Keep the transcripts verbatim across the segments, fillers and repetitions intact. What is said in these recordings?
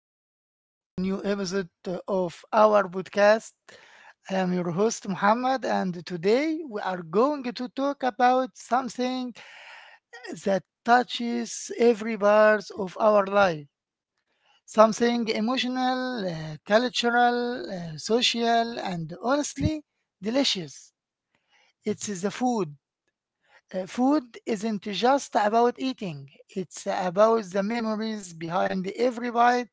uh, to a brand new episode uh, of our podcast. I am your host, Muhammad, and today we are going to talk about something that touches every part of our life. Something emotional, uh, cultural, uh, social, and honestly, delicious. It's the food. Uh, food isn't just about eating, it's about the memories behind every bite,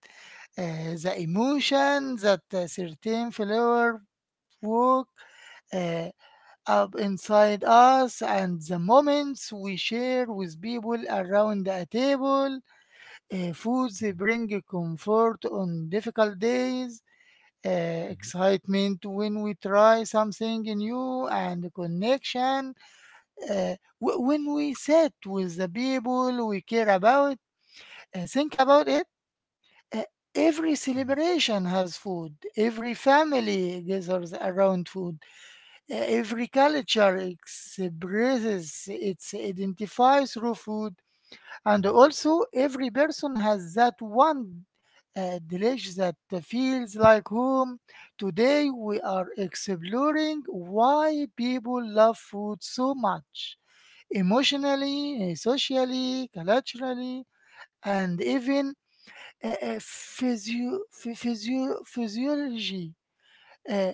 uh, the emotion that a certain flavor woke uh, up inside us, and the moments we share with people around a table. Uh, foods Mhm, bring comfort on difficult days. Uh, mhm, Excitement when we try something new and connection uh, wh- when we sit with the people we care about, uh, think about it. uh, every mhm, celebration has food. Every family gathers around food. Uh, every culture expresses its identify through food. And mhm, also, every person has that one uh, dish that feels like home. Today, we are exploring why people love food so much emotionally, uh, socially, culturally, and even uh, uh, physio- phy- physio- physiology. Uh,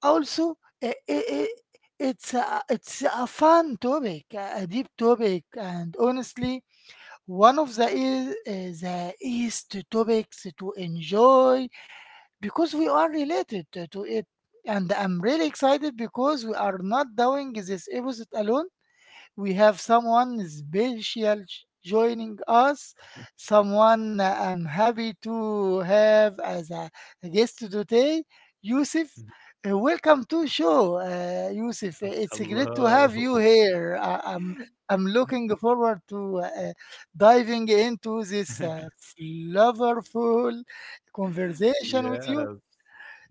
Also, uh, i- i- it's a, it's a fun topic, a a deep topic, and honestly, one of the is uh, the easiest topics to enjoy because we are related to to it. And I'm really excited because we are not doing this episode alone. We have someone special j- joining us, someone I'm happy to have as a guest today, Yusuf. mhm. Uh, Welcome to show, uh, Yusuf. It's great to have you Hello. here. I- I'm I'm looking forward to uh, diving into this uh, flavorful conversation with you. Yes.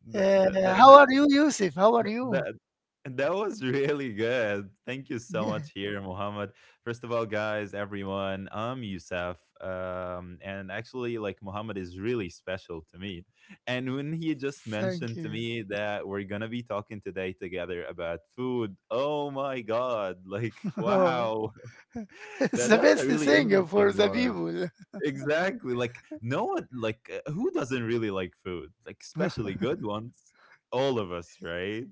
That Uh, that that How that are you, Yusuf? How are that you? that that was really good. Thank you so Yeah, much here, Muhammad. First of all, guys, everyone, I'm Youssef. Um, and actually, like Muhammad is really special to me. And when he just mentioned thank to you. me that we're gonna be talking today together about food, oh my god, like wow. It's that the that's a best really thing interesting for the one. people. Exactly. Like no one, like uh, who doesn't really like food? Like especially good ones. All of us, right?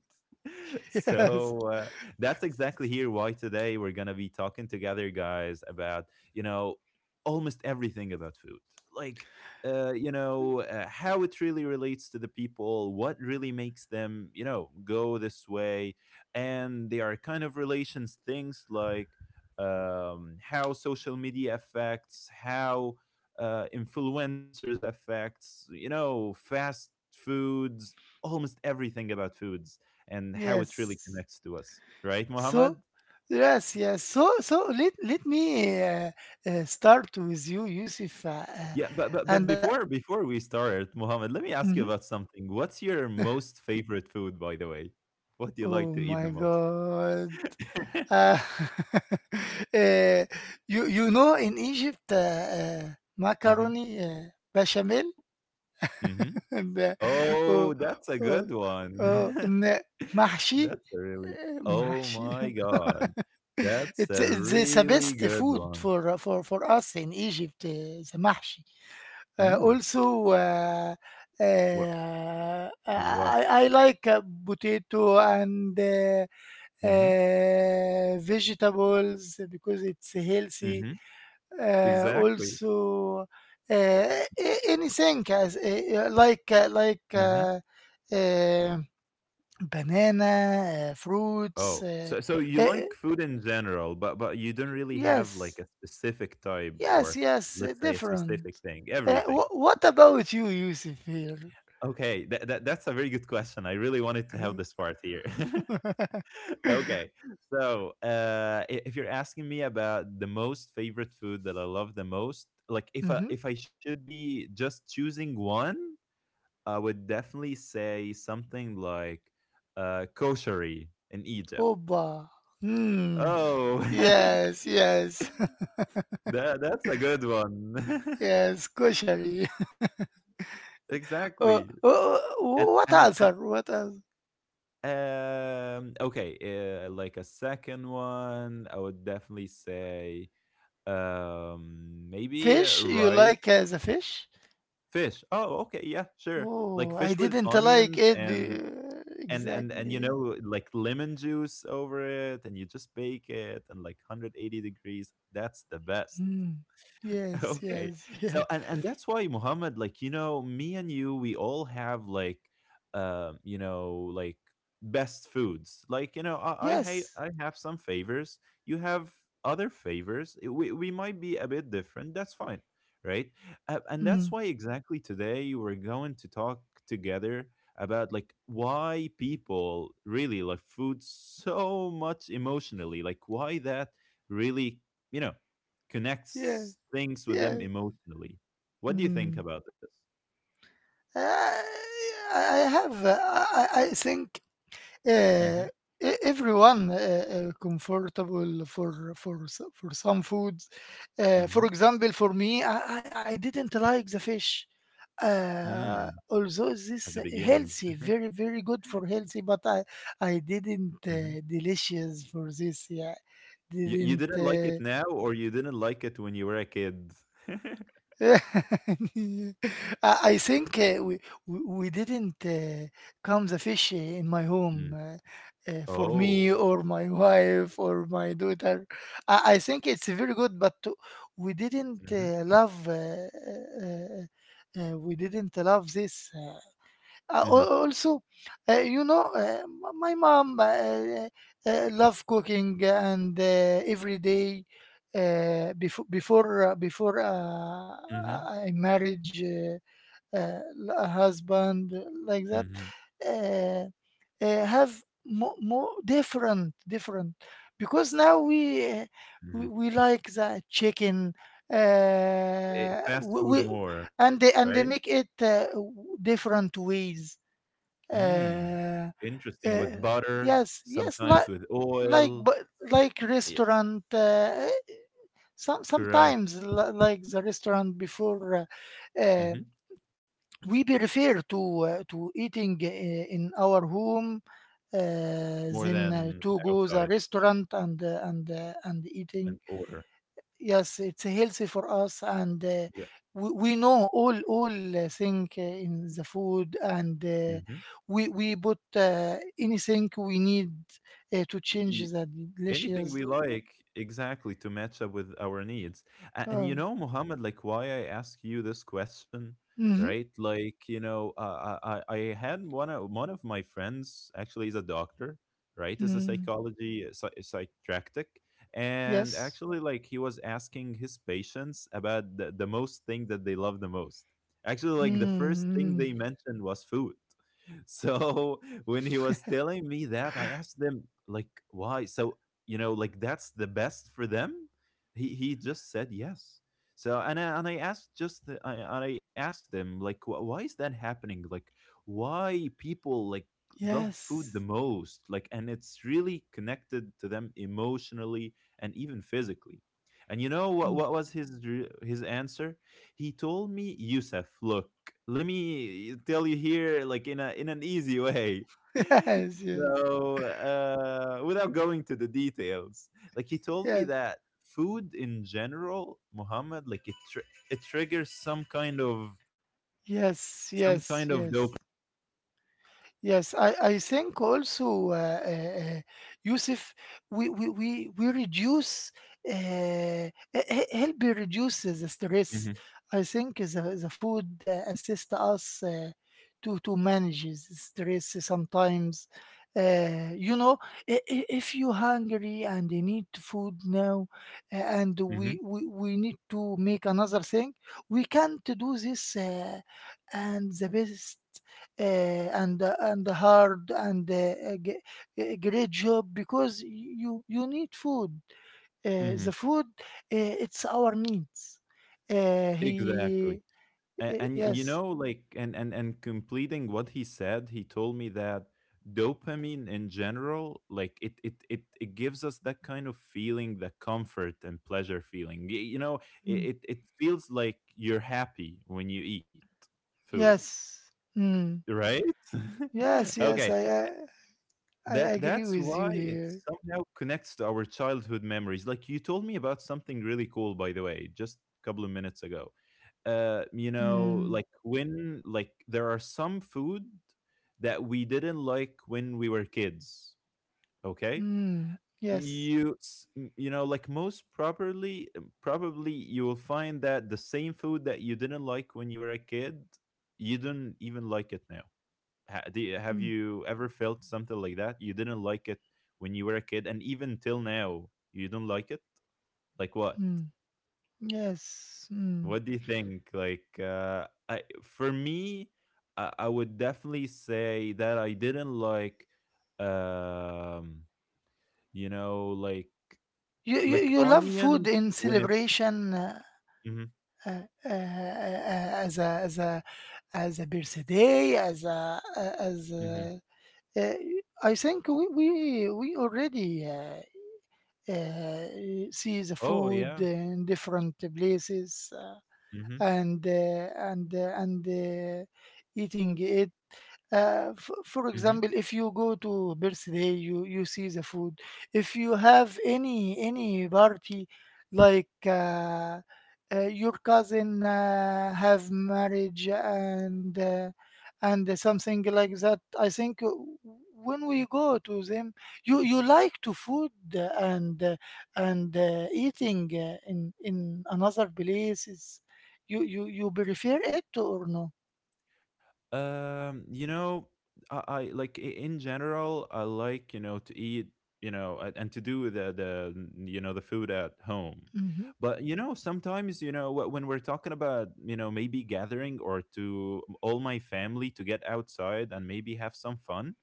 Yes, So uh, that's exactly here why today we're gonna be talking together, guys, about you know almost everything about food, like uh, you know uh, how it really relates to the people, what really makes them you know go this way, and there are kind of relations things like um, how social media affects how uh, influencers effects, you know, fast foods, almost everything about foods and how it really yes. connects to us. Right, Mohammed? So, yes, yes. So, so let let me uh, uh, start with you, Yusuf. Uh, uh, Yeah, but, but but and uh, before before we start, Mohammed, let me ask mhm. you about something. What's your most favorite food, by the way? What do you like Oh to eat my the most? God, uh, uh, you you know in Egypt, uh, uh, Hmm. macaroni uh, bechamel. Hmm. and uh, Oh, oh, that's a oh, good one. oh, and uh, mahshi, That's a really. uh, Oh mahshi. my God, that's It's a it's it's the really best good food one. for uh, for for us in Egypt, uh, the mahshi. Uh, Mm. also, uh, What uh, I, and I what? I like uh, potato and uh, Mhm, uh, vegetables because it's healthy. mhm, Uh, exactly, also, uh, a- anything as uh, uh, like uh, like mhm. uh, uh, banana, uh, fruits. Oh, Uh, so so you uh, like food in general, but but you don't really have, like, yes. a specific type Yes, or, yes, uh, let's say, a different. specific thing, Uh, everything. Wh- what about you, Yusuf here? Okay, that that that's a very good question, I really wanted to have this part here. Mm-hmm. Okay, so, uh, I if you're asking me about the most favorite food that I love the most, like, if I if I should be just choosing one, I would definitely say something like, uh, koshari in Egypt. Oba. Hmm. Oh, Yes, yes, that that's a good one. yes, koshari. Exactly. uh, uh, And what and and answer? What answer? um okay, uh, like a second one, I would definitely say um maybe uh, Fish? You rice, like as a fish? fish. Oh, okay, yeah, sure. Like Oh, fish I with didn't like onions it and be- and and and you Exactly. know like lemon juice over it, and you just bake it and like one hundred eighty degrees. That's the best. Hmm. Yes, Okay, yes, so yes, and and that's why Muhammad, like you know me and you, we all have like um you know like best foods, like you know i i, ha- yes. I have some favors, you have other favors. I- we, we might be a bit different, that's fine, right? Uh, and that's Hmm. why exactly today we're going to talk together about like why people really love food so much emotionally, like why that really you know Yeah, connects things with them yeah. emotionally. What do you think Hmm. about this? Uh, I I have. uh, I, I I think uh, e- everyone uh, uh, comfortable for for s- for some foods. Uh, hmm. For Hmm. example, for me, I, I I didn't like the fish. Mm, Uh, although at the this beginning. healthy, very very good for healthy, but I I didn't Hmm. uh, delicious for this. Yeah, You, you didn't. didn't like it Uh, now, or you didn't like it when you were a kid? Yeah. I I think uh, we we we didn't uh, come the fish in my home, Mm. uh, uh, for me Oh. or my wife or my daughter. I, I think it's very good, but we didn't Hmm. uh, love uh, uh, uh, uh, we didn't love this. Uh, uh, hmm. Al- also, uh, you know, uh, m- my mom uh, uh, love cooking and uh, every day uh, before before uh, before uh, Hmm. I marriage, uh, uh, a husband like that, Hmm. uh, uh, have more, more different different because now we, uh, we, Hmm. we like the chicken, uh, Fast we, food we more, and they right? and they make it uh, w- different ways. Mm. uh, Interesting. With uh, butter, yes yes sometimes like with like oil. but like Yeah, restaurant. Uh, some correct. sometimes li- like the restaurant before, uh, uh, Hmm. we be refer to, uh, to eating uh, in our home, uh, More then uh, than to go the outside restaurant and uh, and uh, and and eating. order. Yes, it's healthy for us, and uh, Yeah. we, we know all all uh, thing uh, in the food, and uh, Hmm. we we put uh, anything we need uh, to change the Anything we delicious. like, exactly, to match up with our needs. A- and, uh, you know Muhammad, like why I ask you this question, hmm right? Like you know uh, i i I had one of one of my friends, actually, is a doctor, right? Is a mm, psychology uh, psy- psychiatric, and yes. actually like he was asking his patients about the, the most thing that they love the most. Actually like the first thing mm, they mentioned was food. So when he was telling me that, I asked them like why, so you know like that's the best for them. He he just said yes. So and I, and I asked just the, I, and I asked them like wh- why is that happening, like why people like love food the yes. most, like, and it's really connected to them emotionally, and even physically. And you know what mm. what was his re- his answer? He told me, Yusuf, look, let me tell you here like in a in an easy way. Yes, yes, So uh, without going to the details, like he told me yes. that food in general, Muhammad, like it tr- it triggers some kind of Yes, some kind yes, of dopamine. yes. Yes, I, I think also, uh, uh, uh, Yusuf, we, we, we, we reduce, uh, he- he- help me reduce the stress. Hmm. I think the, the food uh, assists us uh, to, to manage the stress sometimes. Uh, you know, i- i- if you're hungry and you need food now, uh, and Hmm. we, we, we need to make another thing, we can't do this, uh, and the best, uh, and uh, and hard, and uh, a g- a great job because you you need food. Uh, the Hmm. food, uh, it's our needs. Uh, exactly. he uh, A- and, y you Yes. know like and, and and completing what he said, he told me that dopamine in general, like it it it, it gives us that kind of feeling, the comfort and pleasure feeling. Y- you know, it, Mm. it it feels like you're happy when you eat food, Yes. Mm. right? Yes, yes, Okay, I, I I that agree that's with why you it here. somehow connects to our childhood memories, like you told me about something really cool, by the way, just a couple of minutes ago. Uh, you know, Mm. like when like there are some food that we didn't like when we were kids. Okay, Mm. Yes. you s- m- you know, like most properly, um, probably you will find that the same food that you didn't like when you were a kid, you don't even like it now. Ha- do you- have Mm. you ever felt something like that? You didn't like it when you were a kid, and even till now, you don't like it. Like what? Mm. Yes. Mm. What do you think? Like, uh, I for me, I, I would definitely say that I didn't like, um, you know, like You, you like you love food onions in when it's. celebration uh, Hmm. uh, uh, uh, as a, as a as a birthday, as a a- as Hmm. a, uh, I think we we we already uh, uh, see the Oh food yeah. in different places, uh, Hmm. and uh, and uh, and uh, eating it. Uh, f- for Hmm. example, if you go to birthday, you you see the food. If you have any any party, like uh, uh, your cousin uh, have marriage and uh, and something like that, I think uh, when we go to them, you you like to food, uh, and uh, and uh, eating uh, in in another place is, you you you prefer it or no? Um, you know, I, I like, i- in general, I like, you know, to eat, you know, a- and to do the the you know the food at home. Mm-hmm. But you know, sometimes you know wh- when we're talking about you know maybe gathering, or to all my family to get outside and maybe have some fun,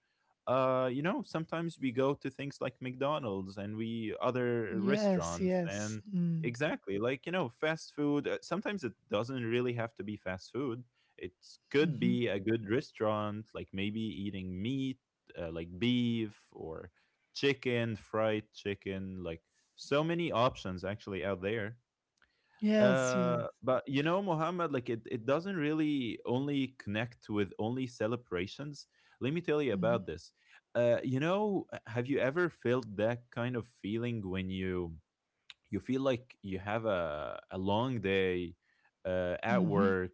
uh, you know, sometimes we go to things like McDonald's and we other Yes, restaurants yes. and Mm. exactly like you know fast food. uh, Sometimes it doesn't really have to be fast food. It could Hmm. be a good restaurant, like maybe eating meat, uh, like beef or chicken, fried chicken, like so many options actually out there. Yes, yes. Uh, but you know, Muhammad, like it, it doesn't really only connect with only celebrations. Let me tell you Mm-hmm. about this. Uh, you know, uh, have you ever felt that kind of feeling when you you feel like you have a a long day uh, at Mm-hmm. work,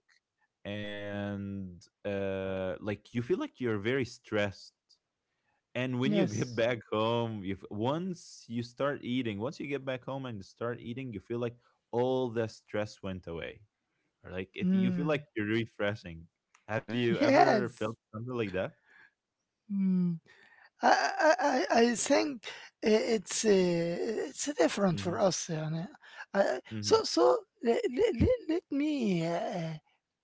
and uh, like you feel like you're very stressed. And when you get Yes. back home, you f- once you start eating, once you get back home and start eating, you feel like all the stress went away, or like it, you feel Mm. like you're refreshing. Have you ever felt Yes. something like that? Mm. I, I, I I think i- it's uh, it's different for Hmm. us. يعني. Uh, so Hmm. so let, let, let me, uh,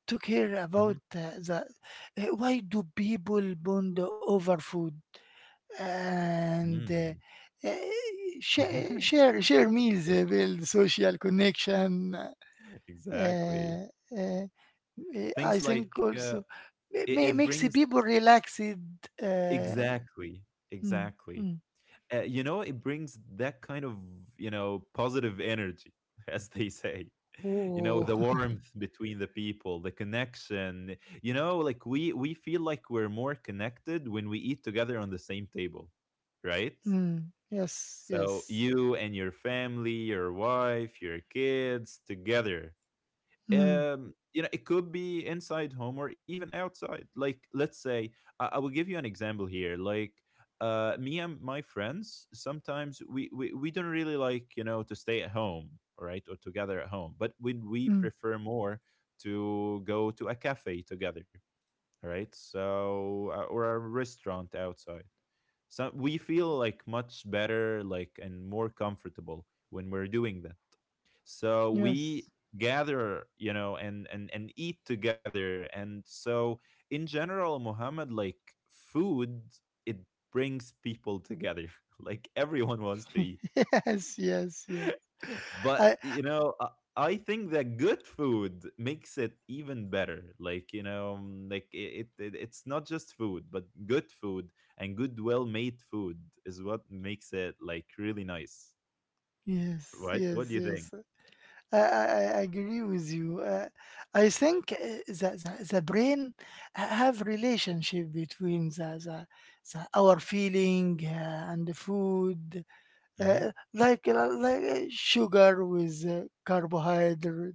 talk here Hmm. about uh, the uh, why do people bond over food? And, uh, Mm. uh, share share share meals, Good uh, build social connection. Uh, one. Exactly. uh, uh, I Things think like uh, also ma- it, ma- it makes the brings, people relaxed. Uh, exactly, mm, exactly, mm. uh, you know it brings that kind of you know positive energy, as they say, you know Oh, the warmth between the people, the connection. You know like we we feel like we're more connected when we eat together on the same table, right? mm, yes, So yes, you and your family, your wife, your kids together. mm, Um, you know, it could be inside home or even outside. Like, let's say, I, I will give you an example here. Like, uh, me and my friends, sometimes we, we we don't really like you know to stay at home, right, or together at home. But we we mm, prefer more to go to a cafe together, right? So uh, or a restaurant outside. So we feel like much better, like and more comfortable when we're doing that. So yes, we gather, you know, and and and eat together. And so in general, Muhammad, like food, it brings people together. Like everyone wants to eat, yes, yes, yes. I but you know i I think that good food makes it even better, like you know mm, like it, it it's not just food but good food, and good well made food is what makes it like really nice, yes, right? What yes, do you think? yes. I, I, I agree with you. Uh, I think uh, the, the, the brain ha- have relationship between the, the, the our feeling uh, and the food, Mm-hmm, uh, like uh, like uh, sugar with uh, carbohydrate.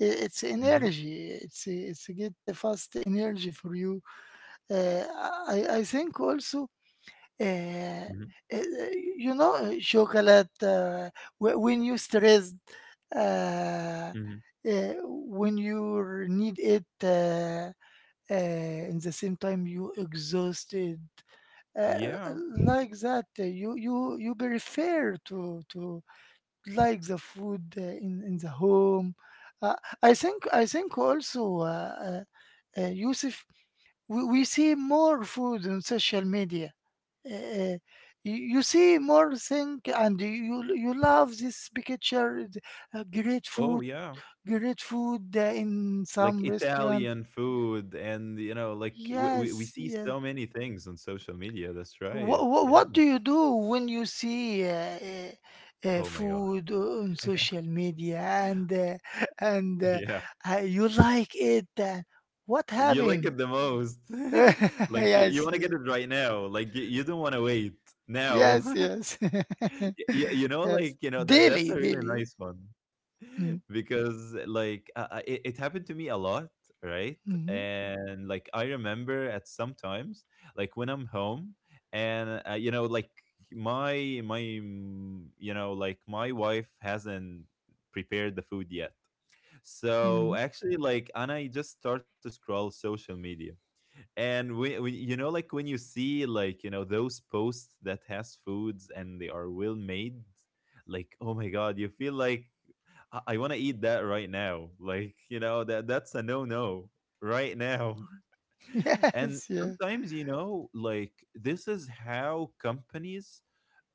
I- It's mm-hmm, energy. It's it's get the fast energy for you. Uh, I I think also, uh, mm-hmm, uh, you know, uh, chocolate. Uh, wh- when you stressed, uh, mm-hmm. uh, when you need it, uh, uh, in the same time you exhausted, uh, Yeah. like that. uh, You you you prefer to to like the food uh, in in the home. Uh, I think I think also, uh, uh, uh, Yusuf, we, we see more food on social media, uh, you, you see more thing and you you love this picture th- uh, great Oh food, yeah. great food uh, in Like some restaurant. Italian food, and you know like we, we, we Yes, see yes. so many things on social media, that's right. what, Yeah. what, do you do when you see, uh, uh, uh, Oh my god. food on social media and uh, and uh, Yeah. uh, you like it? Uh, what You like happened? it the most. Like you, you Yes, want to get yes, it right now. Like you, you don't want to wait now. yes, yes. you, you know, Yes, like you know that that's a daily, really daily. nice one. Mm, Because like uh, uh, it, it happened to me a lot, right? mhm. And like I remember at sometimes like when I'm home, and uh, you know like my my mm, you know like my wife hasn't prepared the food yet. So Mm. actually, like, and I just start to scroll social media, and we, we you know like when you see like you know those posts that has foods and they are well made like oh my god you feel like i, I want to eat that right now like you know that that's a no no right now. And Yes, yeah. sometimes you know like this is how companies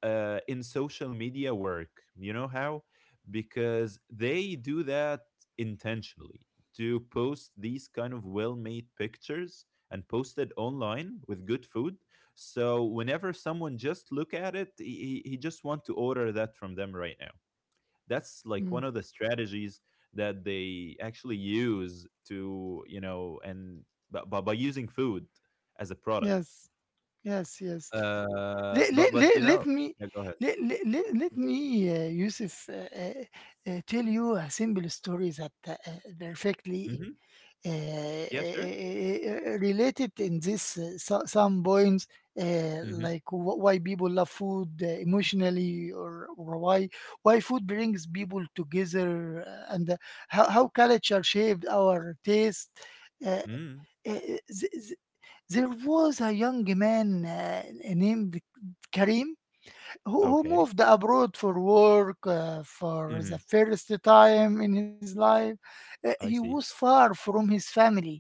uh, in social media work. You know how? Because they do that intentionally to post these kind of well made pictures and post it online with good food. So whenever someone just look at it, he, he just want to order that from them right now. That's like Mm. one of the strategies that they actually use to you know and but by, by using food as a product. Yes, yes, yes. Uh, Let, let, but but let, you let know, me yeah, go ahead. let, let, let, Let me, uh, Yusuf, uh, uh, uh, tell you a simple story that uh, uh, perfectly Mm-hmm. uh, uh, Yeah, sure. uh, related in this, uh, so, some points, uh, Mhm. like wh- why people love food uh, emotionally, or, or why why food brings people together, uh, and uh, how how culture shaped our taste. Uh, Mm. uh, uh, th- There was a young man uh, named Karim, who, who Okay. moved abroad for work uh, for the Mhm. first time in his life. Uh, he I was see. far from his family,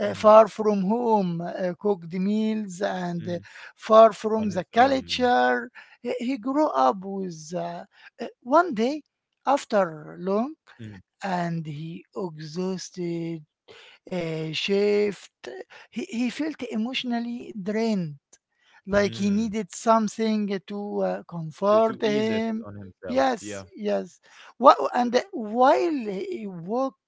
uh, Mhm. far from home, uh, cooked meals, and uh, Mhm. far from On his the own, yeah. culture. He he grew up with, uh, uh, one day after long Mhm. and he exhausted uh, shift, he, he felt emotionally drained, like he Mm. needed something to uh, To comfort to ease it him. on himself. Yes, Yeah. yes what and uh, while he walked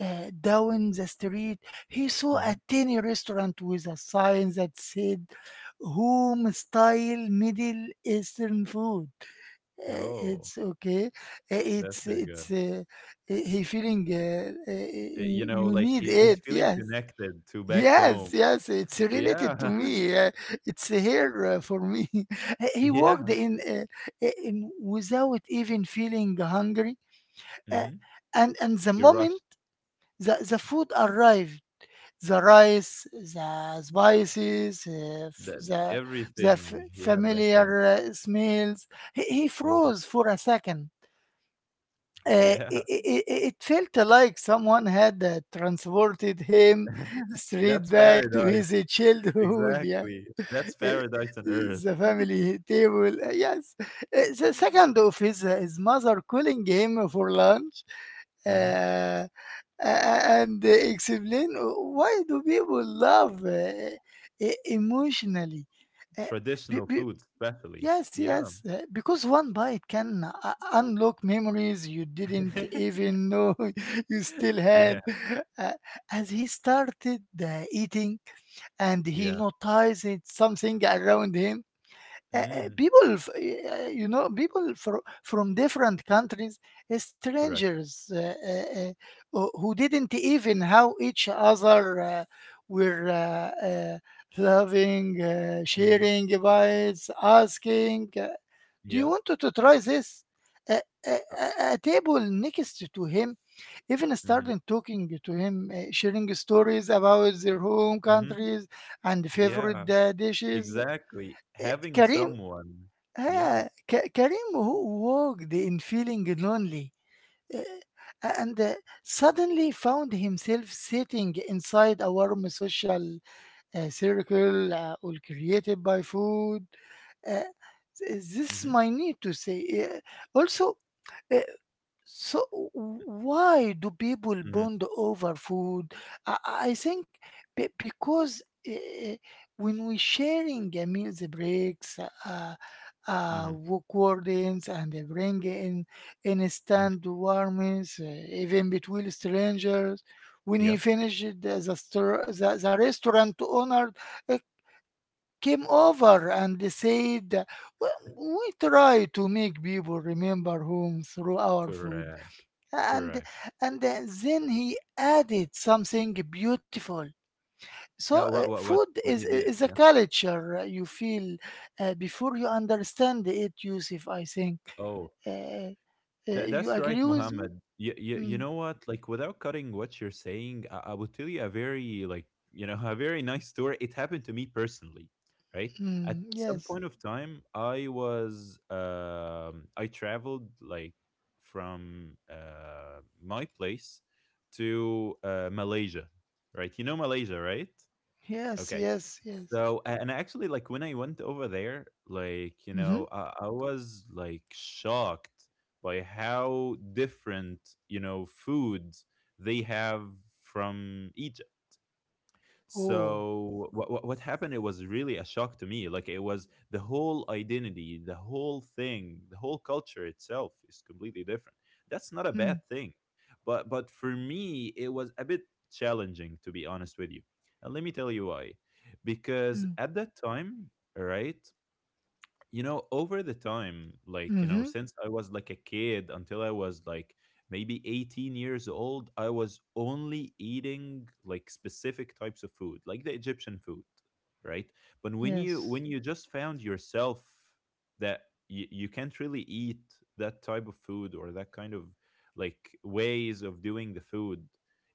uh, down the street, he saw a Mhm. tiny restaurant with a sign that said home style middle eastern food. Uh, Oh, It's okay. Uh, that's it's very it's good. Uh, he he feeling, uh, uh, Y you know, you like, need he he's it. feeling Yes, connected to back yes, home. yes, it's related to Yeah. me. Uh, it's here uh, for me. He he walked Yeah. in, uh, i- in without even feeling hungry, uh, Mhm. and and the He moment rushed the, the food arrived, the rice, the spices, uh, f- that the the f- everything he had back home. familiar uh, smells, he, he Mhm. froze for a second, uh, Yeah. it, it, it felt like someone had uh, transported him straight That's back to paradise. his uh, childhood. Yeah. Exactly. That's Uh, paradise on earth. the family table. uh, Yes. Uh, the second of his, uh, his mother calling him for lunch, Mhm. uh, a- and explain, "Oh, why do people love, uh, e- emotionally. Uh, Traditional be- food, be- especially. Yes, Yeah. yes, uh, because one bite can uh, unlock memories you didn't even know you still had. yeah. Uh, as he started uh, eating and he Yeah. noticed something around him, uh, uh, Mm, people, f- uh, you know, people fro- from different countries, uh, correct. strangers, uh, uh, uh, uh, who didn't even how each other uh, were, uh, uh, loving, uh, Hmm. sharing bites, asking. eh, do you Yeah. want to, to try this? A, a, a a table next to him even Hmm. started talking to him, uh, sharing stories about their home Hmm. countries and Yeah. favorite uh, dishes. Exactly. Uh, Having Karim, someone. Yeah. uh, Ka- Karim, who walked in feeling lonely, uh, and uh, suddenly found himself sitting inside a warm social uh, circle, uh, all created by food. Uh, th- this is Hmm. my need to say. Uh, also, uh, so w- why do people Hmm. bond over food? I, I think be- because uh, when we sharing a meals, eh, breaks, uh, uh, Hmm. work wardens, and they bring in Hmm. instant warmth, uh, even between strangers. When he Yeah. finished, eh, the, the, store, the, the restaurant owner uh, came over and they said, "Well, we try to make people remember home through our food Correct. and Correct. and then he added something beautiful. So Yeah. uh, What? What? food What? is What he did? is a Yeah. culture uh, You feel uh, before you understand it yusuf i think Oh. uh, uh, That, you that's right, agree with me? Mohammed. You, you, you Mm, know what? Like, without cutting what you're saying, I, I would tell you a very, like, you know, a very nice story. It happened to me personally, right? At mm, some yes, point of time, I was, um, I traveled, like, from uh, my place to uh, Malaysia, right? You know Malaysia, right? yes, Okay. yes, yes. So, a- and actually, like when I went over there, like, you Mm-hmm. know, I, I was like shocked by how different, you know, foods they have from Egypt. Oh. So what what happened? It was really a shock to me. Like it was the whole identity, the whole thing, the whole culture itself is completely different. That's not a bad Mm, thing, but but for me it was a bit challenging to be honest with you. And let me tell you why. Because mm, at that time, right? You know over the time like you know mm-hmm. since I was like a kid until I was like maybe eighteen years old I was only eating like specific types of food like the Egyptian food, right? But when you Yes, when you just found yourself that you, you can't really eat that type of food or that kind of like ways of doing the food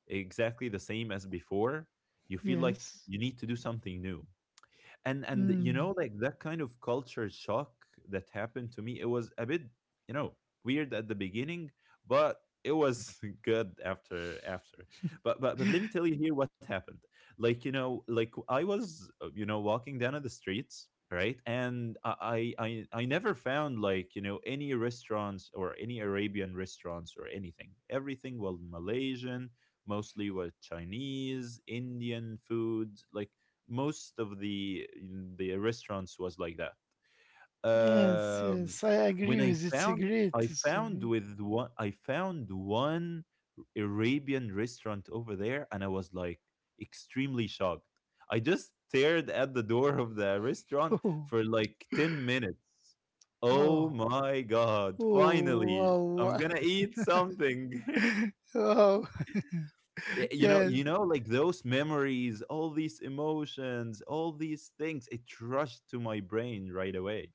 exactly the same as before, you feel like yes. you need to do something new. And and you Mm. know like that kind of culture shock that happened to me, it was a bit, you know, weird at the beginning, but it was good after after. But but but let me tell you here what happened. Like you know like I was uh, you know walking down on the streets, right? And I, I i i never found like you know any restaurants or any Arabian restaurants or anything. Everything was Malaysian, mostly was Chinese Indian food, like most of the the restaurants was like that. Yes, yes, Um, I agree when I with it's a found great I found story. with one I found one Arabian restaurant over there, and I was like extremely shocked. I just stared at the door of the restaurant Oh, for like ten minutes. Oh wow. my god! Finally, Oh, I'm wow. gonna eat something. Wow. Y- you know Yes. you know like those memories, all these emotions, all these things, it rushed to my brain right away,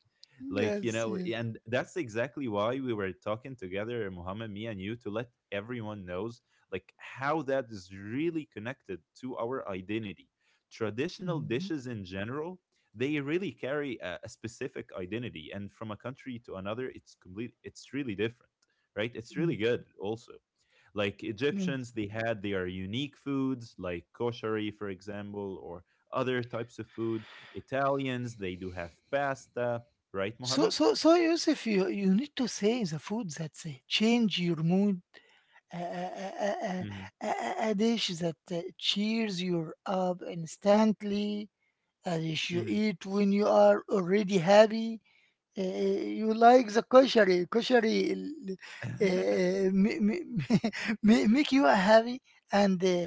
like you Yes, know, yes. and that's exactly why we were talking together, Mohammed, me and you, to let everyone knows like how that is really connected to our identity. Traditional Mhm, dishes in general, they really carry a, a specific identity, and from a country to another it's complete, it's really different, right? It's mm. really good also. Like Yes. Egyptians, they had their unique foods, like koshari, for example, or other types of food. Italians, they do have pasta, right, So, Mohammed? so, so, Yusuf, you, you need to say the food that uh, change your mood, a, a, a, Hmm. a, a a dish that uh, cheers you up instantly, a dish you Hmm. eat when you are already happy. Eh, you like the koshery, koshery l- eh, ma- ma- ma- Make you happy? And uh,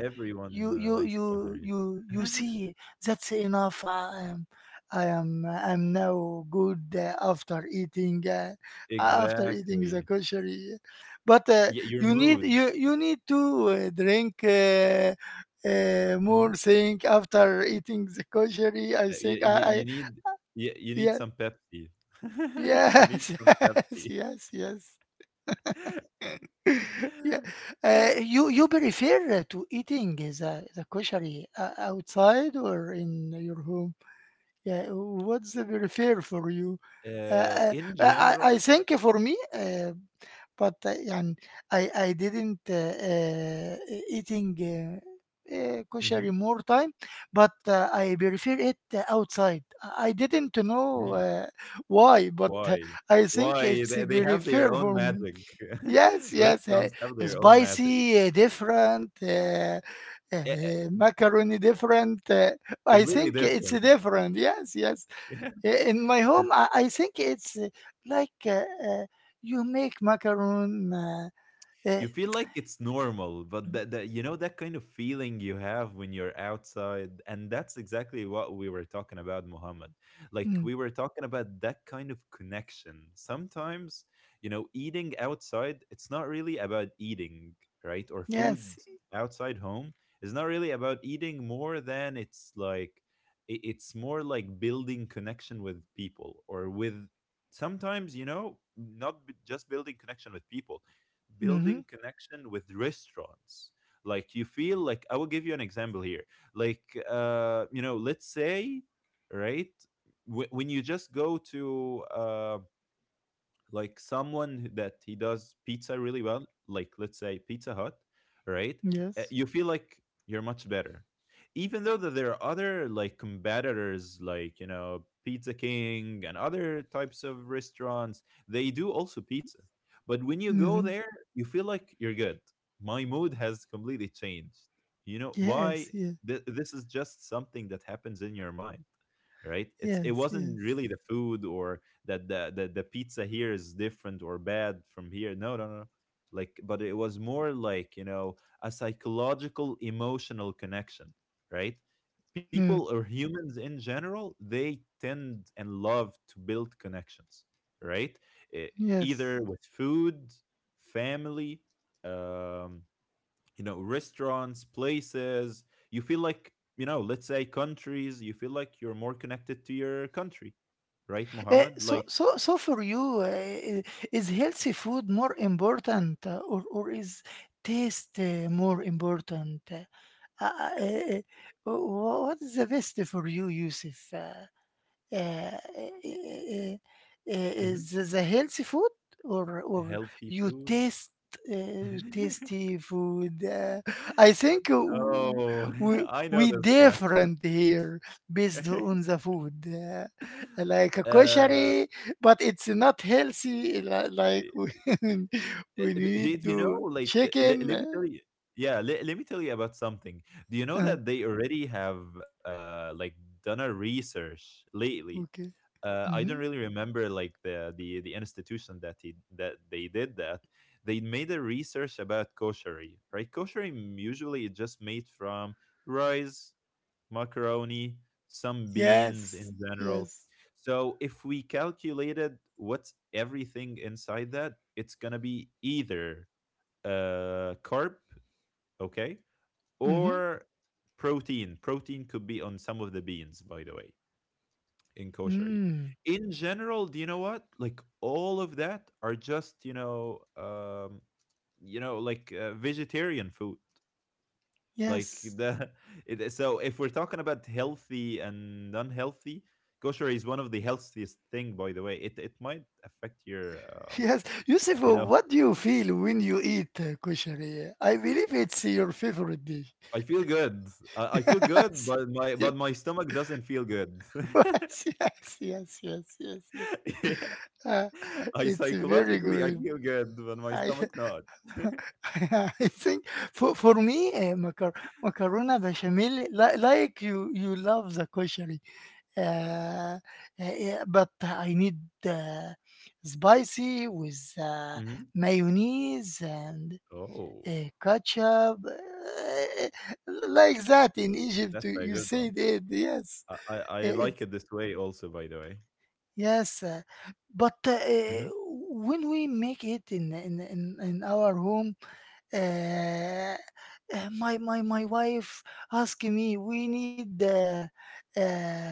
you uh, you likes you koshari. you you see, that's enough. I am I am I'm now good uh, after eating, uh, after eating the Exactly. koshery, but uh, Y- your you need mood. you you need to uh, drink. Uh, uh, Mhm. More thing after eating the koshery. I Uh, think y- y- I, I you need y- you need Yeah. some Pepsi. You need Yes, some yes, Pepsi. yes, yes. Yeah. Uh, you you prefer to eating the the kosher uh, outside or in your home? Yeah. What's the prefer for you? Uh, Uh, uh, In I I I general, think for me, uh, but uh, and I I didn't uh, uh, e- eating uh, uh, kosher more time, but uh, I prefer it uh, outside. I I didn't know Mhm. uh, why, but uh, Why? I think Why? it's They, they have their prefer own for me. magic. Yes, yes, uh, Restaurants have their own magic. spicy, uh, different, uh, Yeah, uh, macaroni different. Uh, I completely think different. it's different. Yes, yes. Yeah. I- in my home, i, I think it's uh, like uh, uh, you make macaron uh, uh, You feel like it's normal, but that, that you know that kind of feeling you have when you're outside, and that's exactly what we were talking about, Muhammad. Like mm, we were talking about that kind of connection. Sometimes you know eating outside, it's not really about eating, right? Or food yes. outside home is not really about eating more than it's like i- it's more like building connection with people or with, sometimes you know, not b- just building connection with people, building Hmm. connection with restaurants. Like you feel like I will give you an example here. Like uh you know, let's say, right, wh- when you just go to um like someone who- that he does pizza really well, like let's say Pizza Hut, right? Uh, yes. You feel like you're much better, even though that there are other like competitors, like you know Pizza King and other types of restaurants. They do also pizza, but when you go Hmm. there, you feel like you're good. My mood has completely changed. You know Yes, why? yes, Th- this is just something that happens in your mind, right? It's it yes, wasn't really yes. the food or that the, the the pizza here is different or bad from here. No, no, no. No. Like, but it was more like you know a psychological, emotional connection, right? People Mm, or humans in general, they tend and love to build connections, right? It, yes. either with food, family, um, you know, restaurants, places. You feel like, you know, let's say countries. You feel like you're more connected to your country, right, Eh, Mohammed? so Like so so for you, uh, is healthy food more important, uh, or or is taste uh, more important? uh, uh, uh, uh, wh- what is the best for you, yusuf Uh, Uh, i- i- i- i- Mhm. is a healthy food or or Healthy you food? taste, uh, you tasty food? Uh, I think w- Oh, we I we know this question. different here based on the food. Uh, like a Uh, kosher, but it's not healthy. li- Like eh, when we eh, d need did you know, to like, let let me chicken. tell you, yeah, let let me tell you about something. Do you know Uh, that they already have, uh, like, done a research lately? okay. Uh, I don't Hmm. really remember, like, the the the institution that he that they did that. They made a research about koshery, right? Koshery usually is just made from rice, macaroni, some beans Yes. in general. Yes. So if we calculated what's everything inside that, it's gonna be either uh carb, okay, Mm-hmm. or protein. Protein could be on some of the beans, by the way, in koshery. Mm. In general, do you know what? Like all of that are just, you know, um, you know, like uh, vegetarian food. Like Yes. the it, so if we're talking about healthy and unhealthy, kosher is one of the healthiest thing. By the way, it it might affect your. Uh, Yes, Yusuf, you know, what do you feel when you eat uh, koshari? I believe it's your favorite dish. I feel good. I, I feel good, Yes, but my yeah, but my stomach doesn't feel good. yes, yes, yes, yes, yes, yes. Yeah. Uh, I it's very psychologically I good. feel good, but my I, stomach not. I think for, for me, uh, macar- macarona bechamel, li- like you, you love the koshari. Uh, uh, yeah, but I need uh, spicy with uh, Hmm. mayonnaise and, Oh, Eh, ketchup, eh, like that in Egypt, that's you a you good one. said it. Yes, I, I I Eh, like it's, it this way also. By the way, yes. uh, But uh, eh, hmm, when we make it in in in, in our home, uh, uh, my my my wife asked me, we need uh, uh,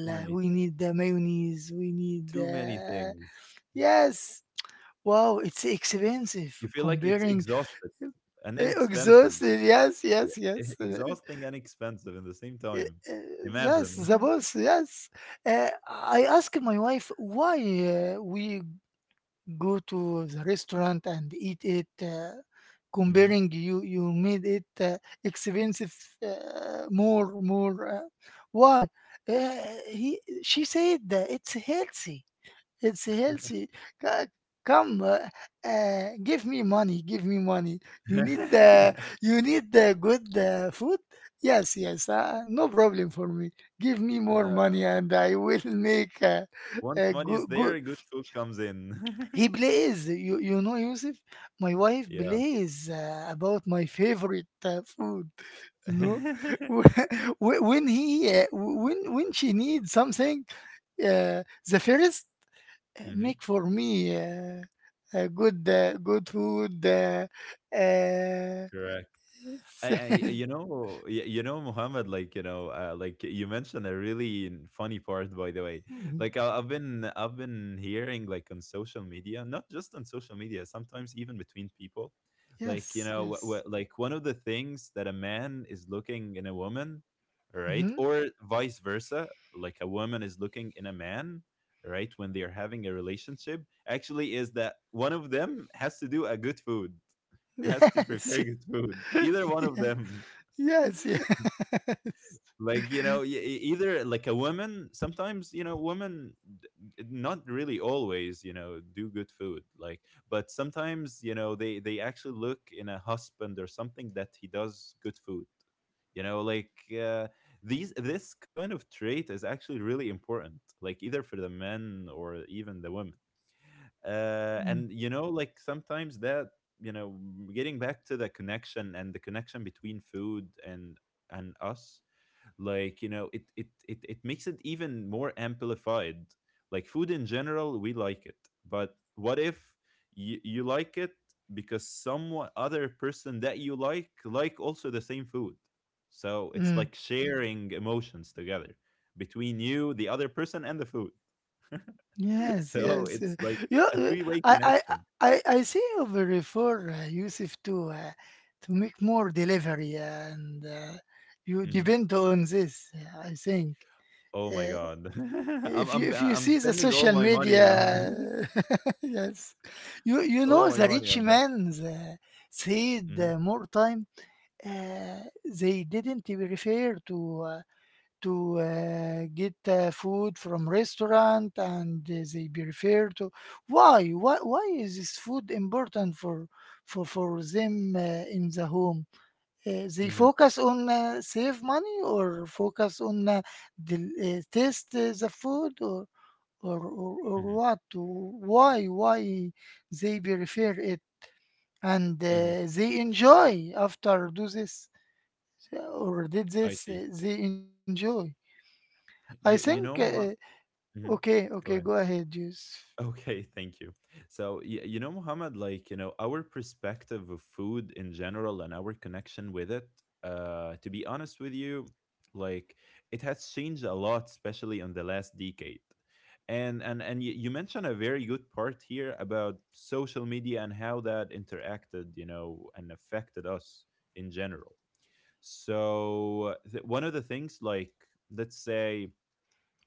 too many, we need the mayonnaise, we need, too many uh, things. yes. Wow, it's expensive You feel like it's comparing. exhausted and Eh, inexpensive. Exhausted. Yes, yes, Yeah. yes. Uh, Exhausting and expensive in the same eh, time. eh, That's the Imagine. boss. Yes. Uh, I asked my wife why uh, we go to the restaurant and eat it. Uh, hmm. Comparing, you, you made it uh, expensive. Uh, more, more. Uh, why? Uh, he, she said that it's healthy. It's healthy. Co- Come, uh, uh, give me money. Give me money. You need the you need the good uh, food. Yes, yes. Uh, no problem for me. Give me more uh, money, and I will make a, Once a money is good good. there, good food comes in. He plays. You you know, Yusuf. My wife Yeah. plays uh, about my favorite uh, food. You know, when when he uh, when when she needs something, uh, the first uh, Hmm. make for me uh, uh, good uh, good food uh, uh, Correct. I, I you know y- you know Muhammad like you know uh, like you mentioned a really funny part by the way. Mhm. Like I, I've been I've been hearing like on social media, not just on social media, sometimes even between people, like you Yes, know wh- wh- yes. like one of the things that a man is looking in a woman, right, Hmm. or vice versa, like a woman is looking in a man, right, when they are having a relationship actually is that one of them has to do a good food, has to Yes. prepare good food. Either one of them, Yes, yes. like you know, e- e- either like a woman. Sometimes you know, women, d- d- not really always, you know, do good food. Like, but sometimes you know, they they actually look in a husband or something that he does good food. You know, like uh, these this kind of trait is actually really important. Like either for the men or even the women, uh, Mm-hmm. Yes. Mm, and you know like sometimes that you know getting back to the connection and the connection between food and and us, like you know it it it, it makes it even more amplified. Like food in general we like it, but what if you, you like it because some other person that you like like also the same food, so it's mm. like sharing emotions together between you, the other person, and the food. Yes, So yes uh, it's like you, a uh, three-way I, I connection. I I see you refer uh, Yusuf to uh, to make more delivery and uh, you Hmm. depend on this, uh, I think. Oh my Uh, god. I'm if you I'm if you I'm see the spending all social my money media, on, yes, you you all know my the money rich on that. man uh, said Hmm. uh, more time. uh, they didn't refer to uh, to uh, get uh, food from restaurant, and uh, they be referred to, why why why is this food important for for for them, uh, in the home. Uh, they Hmm. focus on, uh, save money, or focus on uh, the, uh, taste, uh, the food, or or or, or Hmm. what to, why why they prefer it, and uh, Hmm. they enjoy after do this, uh, or did I this uh, see. they enjoy, I think You, you know, uh, Mohammed. Okay, okay, Go go ahead. ahead, juice. Okay, thank you. So, y- you know, Muhammad, like, you know, our perspective of food in general and our connection with it, uh, to be honest with you, like, it has changed a lot, especially in the last decade. And and and you, you mentioned a very good part here about social media and how that interacted, you know, and affected us in general. So, th- one of the things, like, let's say,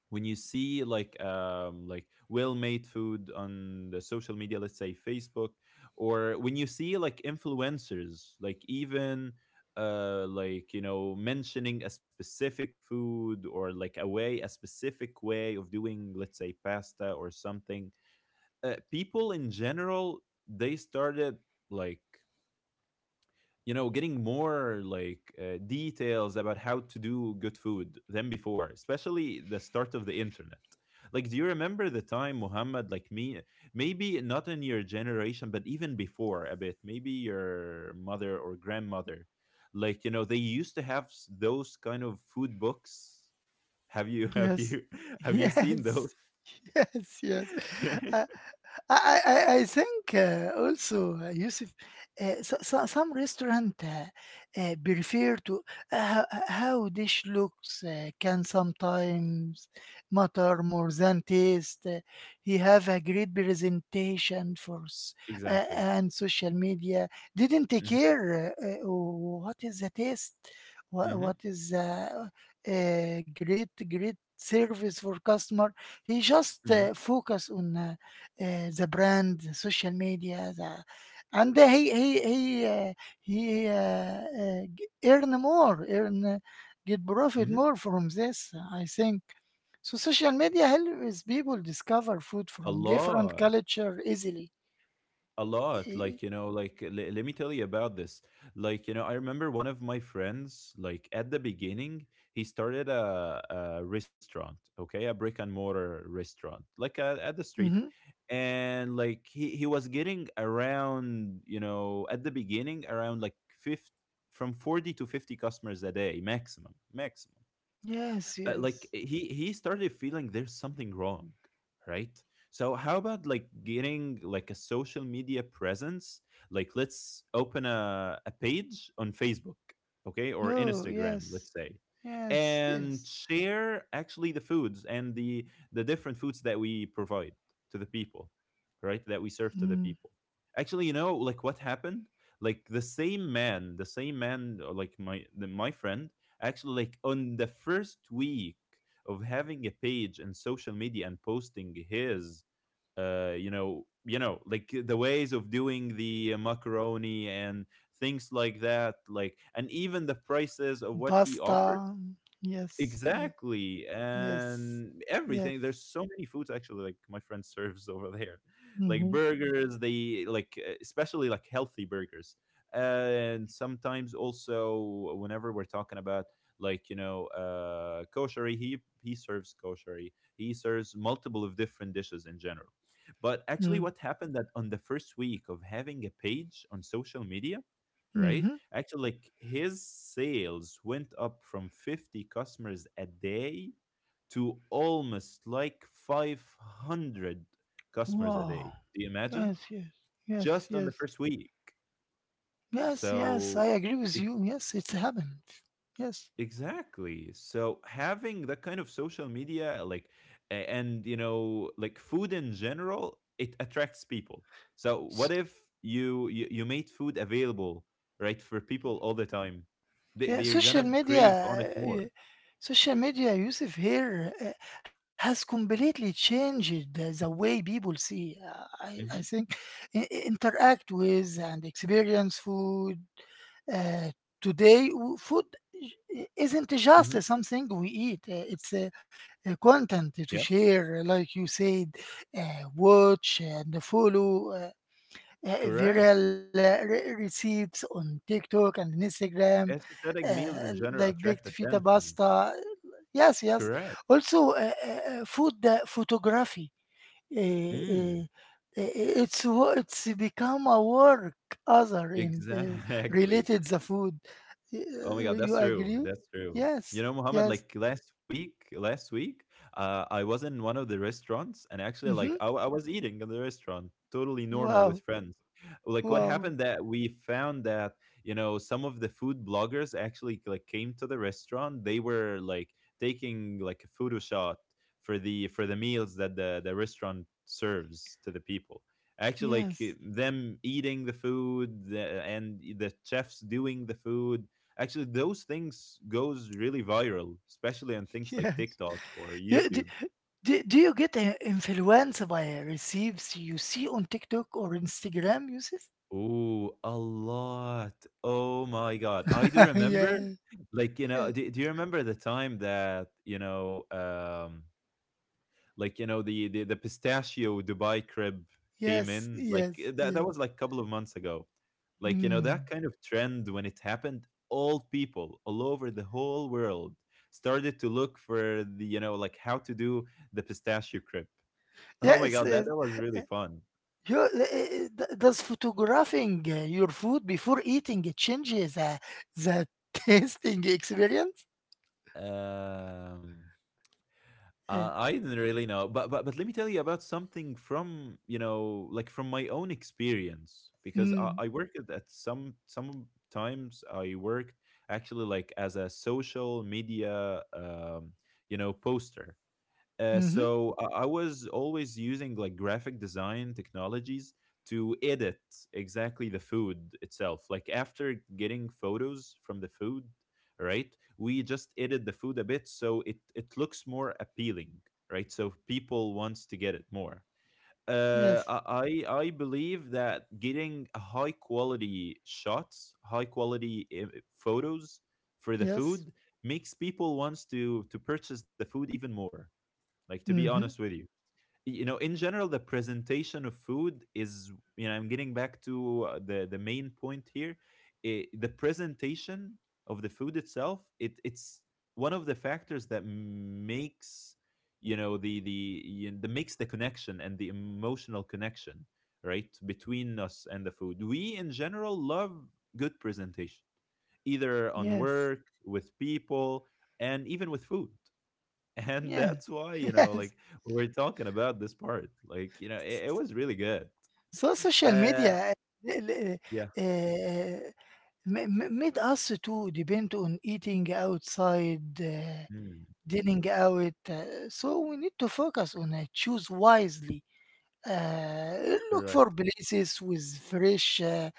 when you see like um, like, well made food on the social media, let's say Facebook, or when you see like influencers, like, even uh, like, you know, mentioning a specific food, or like a way a specific way of doing, let's say, pasta or something. Uh, people in general, they started, like, you know, getting more, like, uh, details about how to do good food than before, especially the start of the internet. Like, do you remember the time, Muhammad? Like me. Maybe not in your generation, but even before a bit, maybe your mother or grandmother, like, you know, they used to have s- those kind of food books. Have you have Yes, you have you seen those? yes, yes, yes. I, I, I, I think uh, also, uh, Yusuf, uh, so, so, some restaurant uh, uh, prefer to, uh, ho- how dish looks uh, can sometimes matter more than taste. Uh, he have a great presentation, for s- uh, exactly. and social media didn't Hmm. care, uh, uh, what is the taste, what, what Hmm. is the uh, great great service for customer. He just Hmm. uh, focus on. Uh, آآ The brand, the social media, the and he he he uh, he uh, uh, g earn more, earn uh, get profit Hmm. more from this, I think. So social media helps people discover food A from different lot. culture easily. A lot, E like, you know, like, l- let me tell you about this. Like, you know, I remember one of my friends, like, at the beginning, he started a, a restaurant, okay, a brick and mortar restaurant, like, a, at the street. Mhm. And, like, he, he was getting around, you know, at the beginning, around like fifty, from forty to fifty customers a day, maximum, maximum. Yes, uh, Like, yes. eh, he he started feeling there's something wrong, right? So how about, like, getting like a social media presence? Like, let's open a, a page on Facebook, okay, or No, Instagram, yes. let's say. Yes, And yes. share, actually, the foods and the the different foods that we provide to the people, right, that we serve to the Mm. people. Actually, you know, like, what happened, like, the same man, the same man, uh, like, my the, my friend. Actually, like, on the first week of having a page and social media and posting his, uh you know, you know like, the ways of doing the macaroni and things like that, like, and even the prices of what he offers. Pasta. Yes, yes, Exactly, yes. and everything. Yes. There's so many foods actually. Like my friend serves over there, like Mhm, burgers. They like, uh, especially like healthy burgers, and sometimes also, whenever we're talking about, like, you know, uh, kosher, he he serves kosher. He serves multiple of different dishes in general. But actually, mm, what happened that on the first week of having a page on social media, right? mhm. Actually, like, his sales went up from fifty customers a day to almost like five hundred customers a Wow. day. Do you imagine? Yes, yes, yes, Just on the yes, first week. yes, yes. I So, agree with e- you. Yes, it's happened. Yes, exactly. So having that kind of social media, like, a- and, you know, like, food in general, it attracts people. So S- what if you you, you made food available, right, for people all the time? They yeah. they're Social gonna media, crave on it more. Uh, social media, Yusuf, here uh, has completely changed the the way people see, Uh, I, I Mm-hmm. think, i- i- interact with and experience food. Uh, Today, w- food i- isn't Mm-hmm. just something we eat, uh, it's a, a content Yeah. to share, uh, like you said, uh, watch and follow uh, uh, Correct. viral uh, re- recipes on TikTok and Instagram, Aesthetic uh, meals in like general baked attract feta attention. pasta. Yes, yes. Correct. Also, uh, uh, uh, food uh, photography, eh, eh, Mm, eh, it's wo- it's become a work other, and uh, exactly. related the food. Oh my God, Uh, that's You true. agree? That's true. You Yes, know, Mohammed, yes. like last week, last week, uh, I was in one of the restaurants and actually, like, I, Hmm. w- I was eating in the restaurant, totally normal with Wow, friends. Like, what wow. happened that we found that, you know, some of the food bloggers actually, like, came to the restaurant. They were, like, taking, like, a photo shot for the for the meals that the, the restaurant serves to the people, actually, like, Yes, them eating the food, the, and the chefs doing the food. Actually, those things goes really viral, especially on things like yes. TikTok or Yeah, d- YouTube. do, do you get uh, influenced by receives you see on TikTok or Instagram, Yusuf? Ooh, a lot. Oh my God. I do remember, Yeah, like, you yeah. know, do, do you remember the time that, you know, um, like, you know, the, the, the pistachio Dubai crib came Yes, in? Like, yes, eh, that, yes. that was like a couple of months ago. Like, you know, that Hmm. kind of trend when it happened, all people all over the whole world started to look for the, you know, like how to do the pistachio crib. Oh my Yes, God, that, that was really fun. You, eh, eh, eh, does photographing uh, your food before eating it changes uh, the tasting experience? Um, Uh, I, I didn't really know, but but but let me tell you about something from, you know, like, from my own experience because I, mm. I worked at at some some times I worked actually like as a social media, um, you know, poster. Uh, Hmm. so I I was always using like graphic design technologies to edit exactly the food itself. Like after getting photos from the food, right? We just edit the food a bit so it it looks more appealing, right? So people wants to get it more. Uh, Yes. I I I believe that getting a high quality shots, high quality, uh, photos for the Yes. food makes people wants to to purchase the food even more, like, to be honest Hmm. with you, you know, in general, the presentation of food is, you know, I'm getting back to, uh, the the main point here. Eh, the presentation of the food itself, it it's one of the factors that makes, you know, the the y- the makes the connection and the emotional connection, right, between us and the food we in general love. Good presentation, either on Yes. work, with people, and even with food. And Yeah. that's why, you know, like, Yes. we're talking about this part. Like, you know, S- it, it s- was really good. So social Uh, media, uh, l- l- yeah, uh, ma- ma- made us to depend on eating outside, uh, mm, dining out. Uh, so we need to focus on, uh, choose wisely. Uh, look for correct. places with fresh, uh,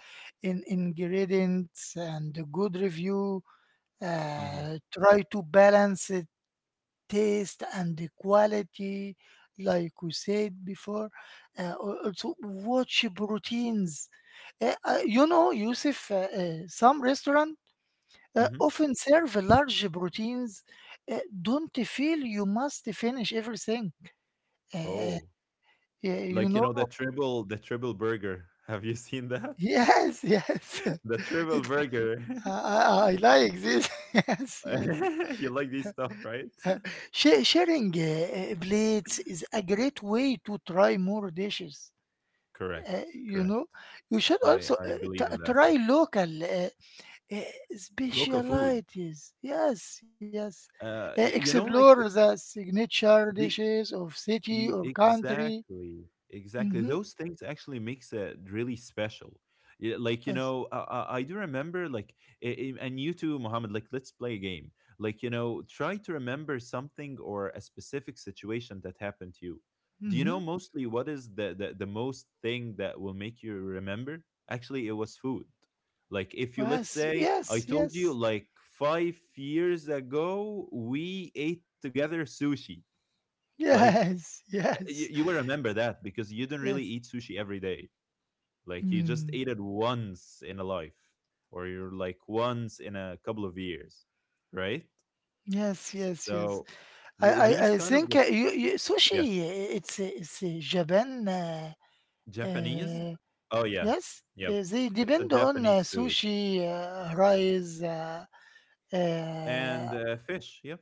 in- ingredients and a good review. Hmm. Uh, try to balance the taste and the quality, like we said before. Uh, al- also, watch proteins. Uh, uh, you know, Yusuf, uh, uh, some restaurant uh, Hmm. often serve large proteins. Uh, don't feel you must finish everything. Uh, Oh, uh, you like, you know. know, the triple, the triple burger. Have you seen that? Yes, yes. The triple It's, burger. I, I I like this. Yes, yes. You like these stuff, right? Uh, sha- Sharing uh, uh, plates is a great way to try more dishes. Correct, Uh, you correct. know, you should I also I uh, believe t- in that. try Yep. local uh, uh, Local food. specialities. Yes, yes. Uh, Uh, y- you know, Explore like, the signature the dishes of city E- or country. Exactly, exactly. Mm-hmm. Those things actually makes it really special. Yeah, like, you Yes. know, I, I I do remember, like, i- i- and you too, Mohammed. Like, let's play a game. Like, you know, try to remember something or a specific situation that happened to you. Do you know, Mm-hmm. mostly, what is the the, the most thing that will make you remember? Actually, it was food. Like, if you, let's Yes, say, I yes, told you, yes. like, five years ago we ate together sushi. Like, Yes, you, you yes, will remember that because you don't really yes. eat sushi every day. Like, you just Mm. ate it once in a life, or you're like once in a couple of years, right? Yes, yes, yes. So, I, th- I, these I kind of think, like, uh, you, you, yeah, sushi. uh, It's uh, it's uh, Japan. Uh, Japanese. uh, Oh yeah, yes, yep. uh, they It's a depend on uh, Japanese food sushi, uh, rice. Uh, and, uh, uh, fish. Yep.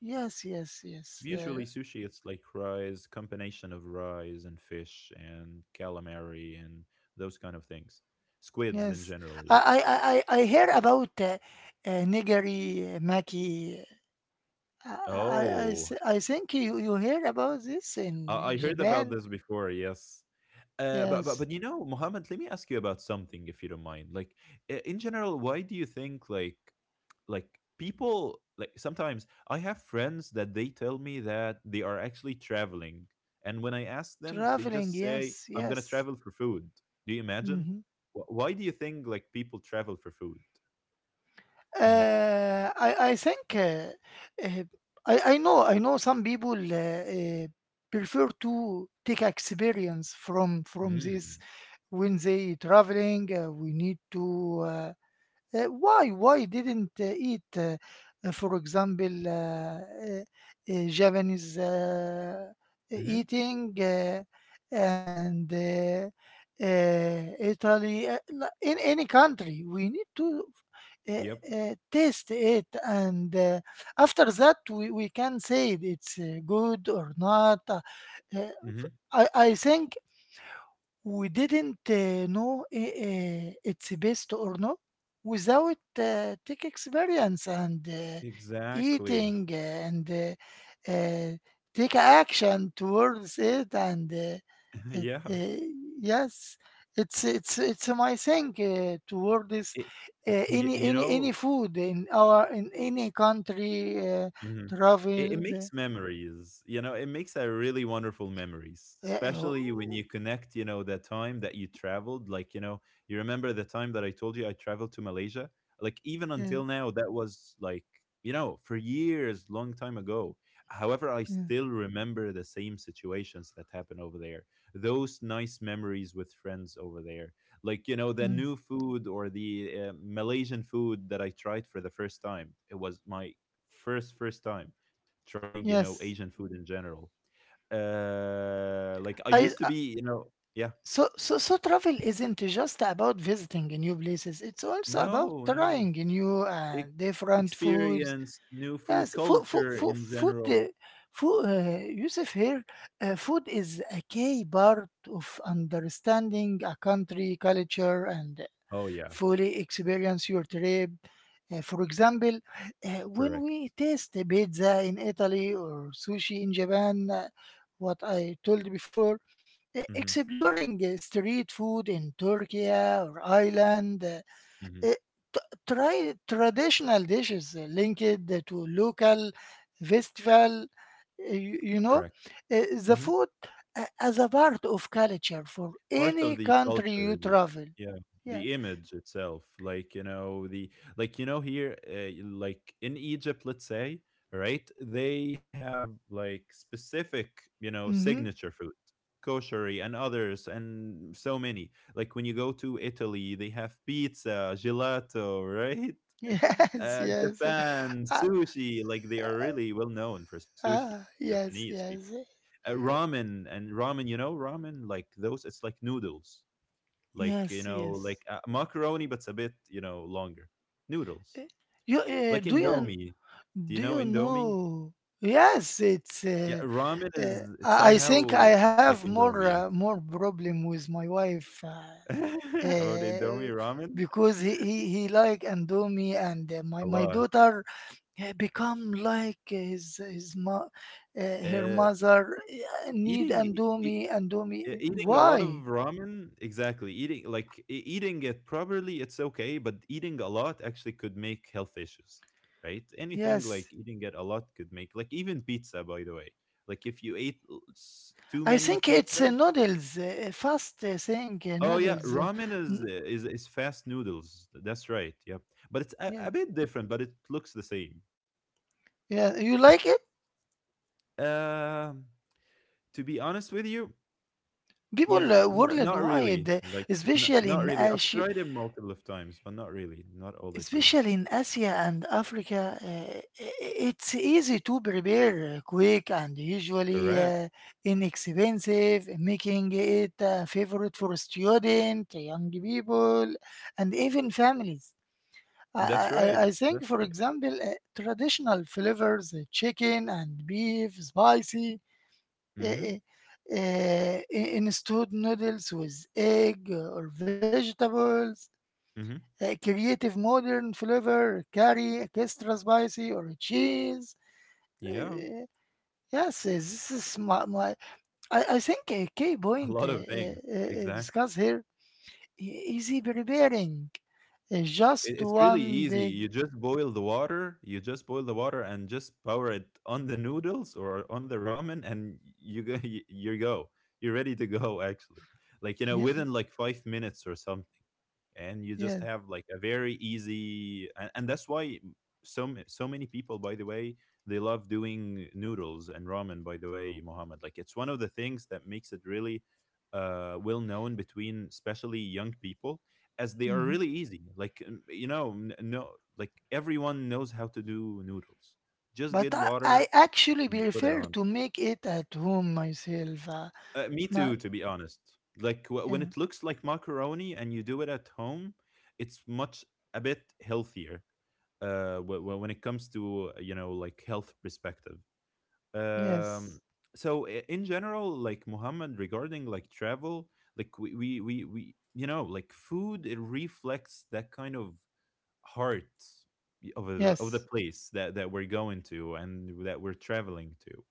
yes, yes, yes, Usually uh, sushi, it's like rice, combination of rice and fish and calamari and those kind of things. Squids in yes. general. I, Yep. I, I, I I hear about uh, uh, nigiri uh, maki. uh, I, I, I, Oh, s- I think you, you hear about this Uh, in I heard about Japan. this before, yes. Uh, but, but Yes, but you know, Mohammed, let me ask you about something, if you don't mind. Like, i- in general, why do you think like like people, like, sometimes I have friends that they tell me that they are actually traveling, and when I ask them, they traveling. just say, Yes, "I'm gonna yes. travel for food." Do you imagine? Hmm. Wh- Why do you think like people travel for food? Uh, I I think, uh, uh, I I know I know some people uh, uh, prefer to take experience from from Mm-hmm. this when they traveling. Uh, we need to. Uh, uh, why why didn't uh, eat, uh, uh, for example, uh, uh, uh, Japanese uh, Mm-hmm. eating uh, and uh, uh, Italy, uh, li- in any country, we need to uh, Yep. uh, taste it, and uh, after that, we, we can say it's uh, good or not. Uh, uh, Mm-hmm. I, I think we didn't uh, know i- uh, it's best or not without uh, tech experience and uh, Exactly. eating and uh, uh, take action towards it and uh, it, yeah. uh, Yes, it's it's it's my thing uh, toward uh, It, y- any you any any know. food in our in any country uh, Mhm. It it traveled makes memories, you know, it makes a really wonderful memories, uh, uh, especially when you connect, you know, the time that you traveled, like, you know, you remember the time that I told you I traveled to Malaysia? Like, even yeah, until now, that was like, you know, for years, long time ago. However, I yeah, still remember the same situations that happened over there. Those nice memories with friends over there. Like, you know, the mm, new food or the, uh, Malaysian food that I tried for the first time. It was my first first time trying, you know, Asian yes. food in general, uh like, I used I to be, you know, yeah, So, so, so travel isn't just about visiting new places. It's also about no, no, trying new e- uh, different foods. experience new food Yes, food, food, culture food, in food, general. uh, food, uh, Yusuf here, uh, food is a key part of understanding a country, culture, and Oh yeah. fully experience your trip. Uh, for example, uh, when Correct. we taste a pizza in Italy or sushi in Japan, uh, what I told before, uh, Mm-hmm. exploring uh, street food in Turkey or Ireland, uh, Mm-hmm. uh, try traditional dishes uh, linked to local festival. uh, You, you know, Correct. uh, the Mhm. food uh, as a part of culture for Part any of the country you culture, the travel. yeah, Yeah. the image itself, like, you know, the like, you know, here, uh, like, in Egypt, let's say, right, they have like specific, you know, Mhm. signature food, koshery, and others, and so many. Like, when you go to Italy, they have pizza, gelato, right? Yes, uh, yes. Uh, Japan, Ah, sushi, like they are really well known for sushi. ah, yes, Japanese people. yes. Eh, uh, ramen, and ramen, you know, ramen, like, those, it's like noodles, like, you Yes, know, like, yes. uh, macaroni, but it's a bit, you know, longer. Noodles, Eh, You, uh, like do you Indomie. Do you do know you Indomie? know? Yes, it's. Yeah, Uh, ramen is, uh, it's I I somehow think I have like more uh, Indomie. more problem with my wife uh, Yeah. about uh, Indomie, ramen. because he, he, he like Andomi and uh, my A my lot. daughter uh, become like his his mo- uh, her uh, mother uh, need eating e- Andomi Yeah, Andomi. eating a lot of Why? ramen, exactly. Eating, like, e- eating it properly, it's okay, but eating a lot actually could make health issues, right? Anything, Yes, like eating it a lot could make, like, even pizza, by the way. Like if you ate l- s- too I many think it's uh, pizzas, noodles, uh, fast uh, thing, uh, oh yeah, noodles. uh, ramen is, n- uh, is is fast noodles. That's right. Yeah, but it's a, yeah, a bit different, but it looks the same. yeah. You like it? Um, to be honest with you, People yeah, uh, n not really. worldwide, uh, Like, n especially not in really. I've Asia, tried it multiple of times, but not really. Not all the time. especially in Asia and Africa, uh, i- i- it's easy to prepare, uh, quick, and usually Correct. uh, inexpensive, making it a favorite for student, young people, and even families. I, That's right. I, I think, That's for right. example, uh, traditional flavors, uh, chicken and beef, spicy, uh, Mm-hmm. uh, uh, in stewed noodles with egg or vegetables, Mm-hmm. uh, creative modern flavor, curry, extra spicy or cheese. Yeah. Uh, yes, uh, this is my, my I, I think a key A point lot uh, of things. uh, uh, Exactly. discussed here i- is preparing uh, It, just it's really one easy. big. You just boil the water. You just boil the water and just pour it on the noodles or on the ramen, and you go. You, you go. You're ready to go. Actually, like you know, Yeah, within like five minutes or something. And you yeah. just have like a very easy and, and that's why so so many people, by the way, they love doing noodles and ramen, by the way, Mohammed. Like it's one of the things that makes it really uh, well known between especially young people, as they are Mhm. really easy. Like um, you know, n- no, like everyone knows how to do noodles, just But get I, I water actually and put it prefer on. to make it at home myself. Uh, uh, Me not too, to be honest. Like wh- when uh, it looks like macaroni and you do it at home, it's much a bit healthier. Uh, wh- wh- when it comes to, you know, like health perspective. Um, yes, so i- in general, like Muhammad, regarding like travel, like we we we, we you know, like food, it reflects that kind of heart of the, of the yes, place that, that we're going to and that we're traveling to.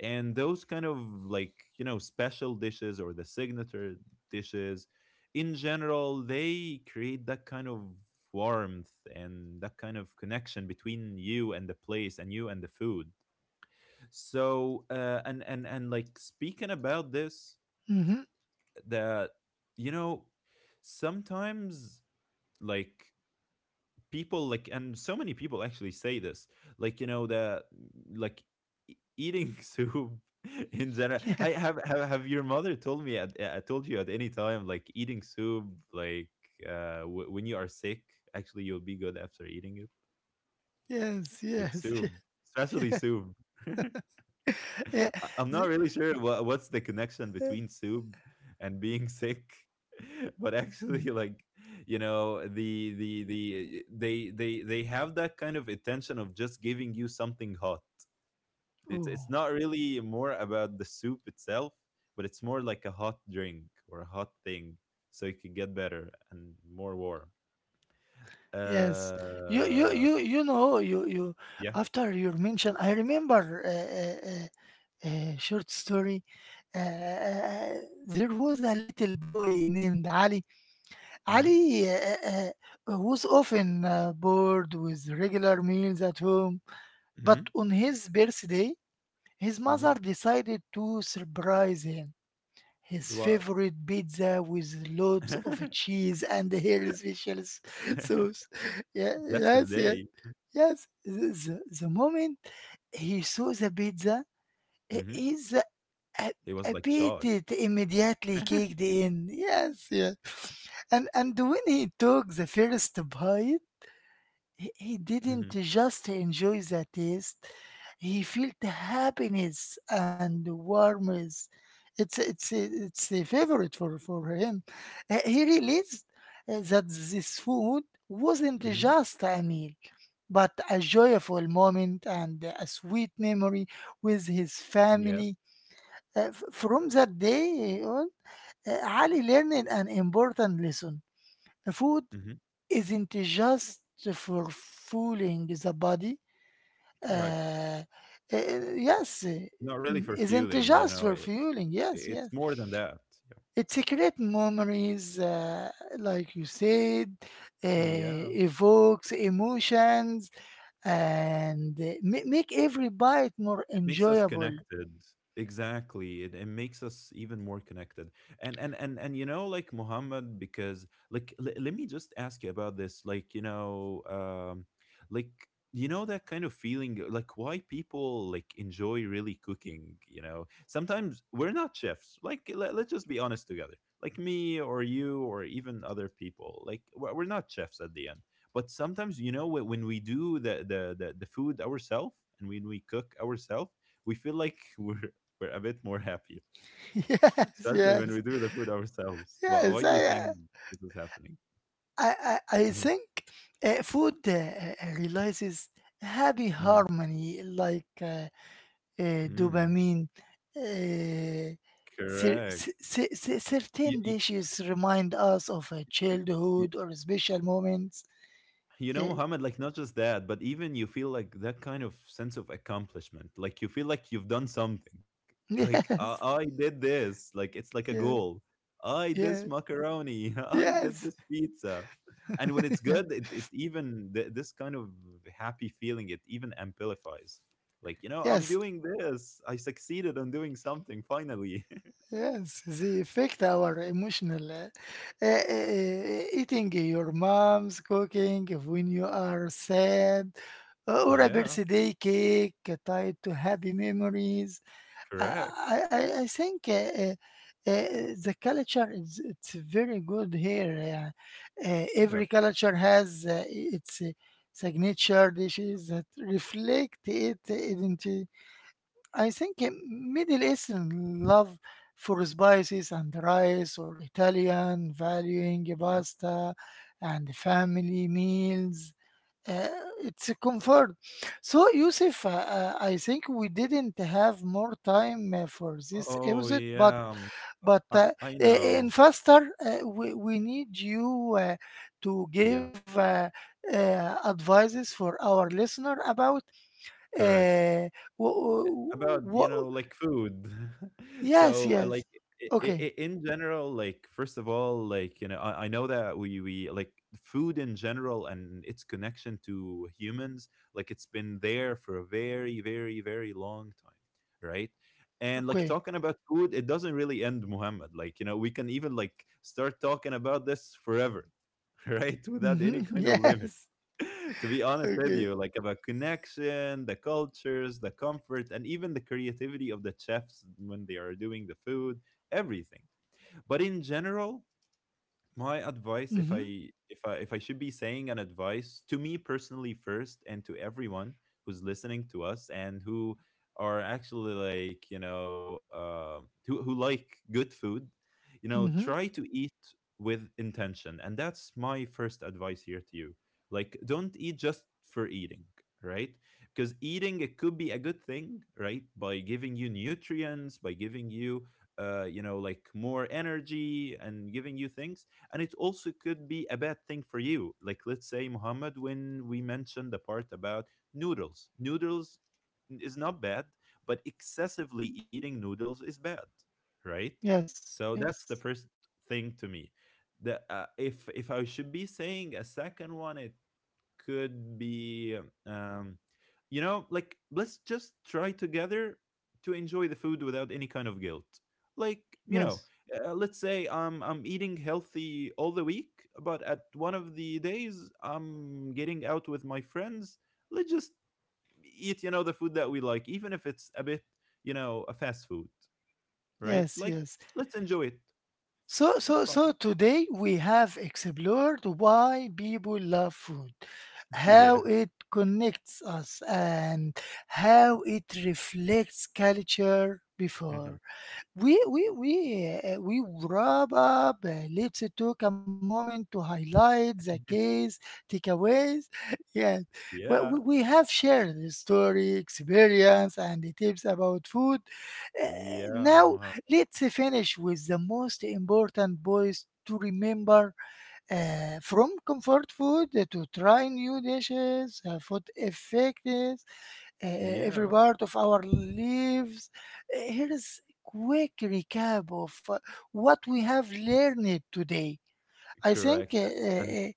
And those kind of, like, you know, special dishes or the signature dishes in general, they create that kind of warmth and that kind of connection between you and the place and you and the food. So uh, and and and like, speaking about this, mm-hmm. that, you know, sometimes, like, people like, and so many people actually say this, like, you know, the, like, e- eating soup. In general, yeah, I, have, have have your mother told me at uh, told you at any time, like, eating soup, like, uh w- when you are sick, actually you'll be good after eating it. yes, Like yes, soup, especially yeah. soup. Yeah. I- I'm not the- really sure what, what's the connection uh, between soup and being sick, but actually, mm, like, you know, the the the they they they have that kind of intention of just giving you something hot. It's it's not oh, really more about the soup itself, but it's more like a hot drink or a hot thing, so you can get better and more warm. yes. You, you, Uh, you, you know, you, you. yeah. After your mention, I remember a, a, a short story. Uh, uh, uh, uh, there was a little boy named Ali Mm-hmm. Ali uh, uh, uh, was often uh, bored with regular meals at home, but Mm-hmm. on his birthday, his mother Mm-hmm. decided to surprise him. His With what? favorite pizza with lots of cheese and her special s- sauce. Yeah, That's yes, his yes, day. yes. The, the- the moment he saw the pizza, uh, Mm-hmm. his I, It I was like beat chalk. it immediately kicked in. Yes, yes. And and when he took the first bite, he, he didn't Hmm. just enjoy the taste. He felt happiness and warmth. It's it's it's a favorite for for him. Uh, He realized uh, that this food wasn't Hmm. just a meal, but a joyful moment and a sweet memory with his Yes. family uh, f- From that day on, uh, Ali learned an important lesson. Food Hmm. isn't just for fooling the body. Correct. Uh, uh, yes, uh, Not really for isn't fueling, you know. just It, for fueling. Yes, it's yes. more than that. It's a memories, uh, like you said, Yeah. uh, Yeah. evokes emotions and uh, ma- make every bite more Makes us enjoyable. connected. Exactly, it, it makes us even more connected. And and and and you know, like Muhammad, because like, l- let me just ask you about this, like, you know, um like, you know, that kind of feeling, like, why people like enjoy really cooking. You know, sometimes we're not chefs, like, let, let's just be honest together. Like me or you or even other people, like, we're we're not chefs at the end. But sometimes, you know, wh- when we do the the the, the food ourselves and when we cook ourselves, we feel like we're we're a bit more happier, yes, especially when we yes, do the food ourselves. Why, yes. Why do you I, think uh, this is happening? I, I, I Hmm. think uh, food uh, uh, realizes happy Hmm. harmony like uh, uh, Mm, dopamine. Uh, cer- correct. cer- cer- cer- certain Y- dishes remind us of a y- y- childhood or special moments. You know, Uh, Mohammed, like not just that, but even you feel like that kind of sense of accomplishment. Like you feel like you've done something. Like I, yes, I did this. Like it's like a yes, goal. I did this yes, macaroni. I did yes, this pizza. And when it's good, it, it even th- this kind of happy feeling, it even amplifies. Like, you know, I'm yes. doing this. I succeeded on doing something finally. Yes, they affect our emotional uh, uh, uh, eating. Your mom's cooking when you are sad Uh, or a Yeah, birthday cake tied to happy memories. I correct. I, I I think uh, uh, uh, the culture is it's very good here. Yeah. Uh, every That's right. culture has uh, its uh, signature dishes that reflect its identity. I think uh, Middle Eastern love for spices and rice, or Italian valuing Yep. pasta and family meals uh, it's a comfort. So, Yusuf, uh, uh, I think we didn't have more time uh, for this Oh episode, but yeah. um, but I uh, I i- know. in faster, uh, we, we need you uh, to Yeah. give uh, uh, advices for our listener about Correct. uh, Uh, About, what. you know, like food. Yes, So, uh, yes. like, I I Okay, in general, like, first of all, like, you know, I, I know that we we like food in general and its connection to humans, like it's been there for a very, very, very long time, right? And like, okay. talking about food, it doesn't really end, Muhammad. Like, you know, we can even like start talking about this forever, right? Without any Hmm. kind of limit. Yes. To be honest with Okay. you, like about connection, the cultures, the comfort, and even the creativity of the chefs when they are doing the food, everything. But in general, my advice, if i Hmm. if i if i should be saying an advice to me personally first and to everyone who's listening to us and who are actually like, you know, uh, who, who like good food, you know, Hmm. try to eat with intention. And that's my first advice here to you. Like, don't eat just for eating, right? Because eating it could be a good thing, right, by giving you nutrients, by giving you uh, you know, like more energy and giving you things. And it also could be a bad thing for you. Like, let's say, Muhammad, when we mentioned the part about noodles, noodles is not bad, but excessively eating noodles is bad, right? Yes, So that's the yes, first thing to me. The uh, if if i should be saying a second one, it could be, um, you know, like, let's just try together to enjoy the food without any kind of guilt. Like, you know, yes, uh, let's say i'm i'm eating healthy all the week, but at one of the days I'm getting out with my friends, let's just eat, you know, the food that we like, even if it's a bit, you know, a fast food, right? yes, Like, yes. let's enjoy it. So, so, That's so fine. today we have explored why people love food, how Yeah. it connects us, and how it reflects culture before. Mhm. We we we uh, we wrap up. Uh, let's take a moment to highlight the case takeaways. Yeah, well, we, Yeah. we have shared the story, experience, and the tips about food. Uh, Yeah, now Mohammed. let's finish with the most important points to remember uh, from comfort food to try new dishes, uh, food effects, uh, every Yeah. part of our lives. Uh, Here is quick recap of uh, what we have learned today. I think uh, Correct. uh, uh,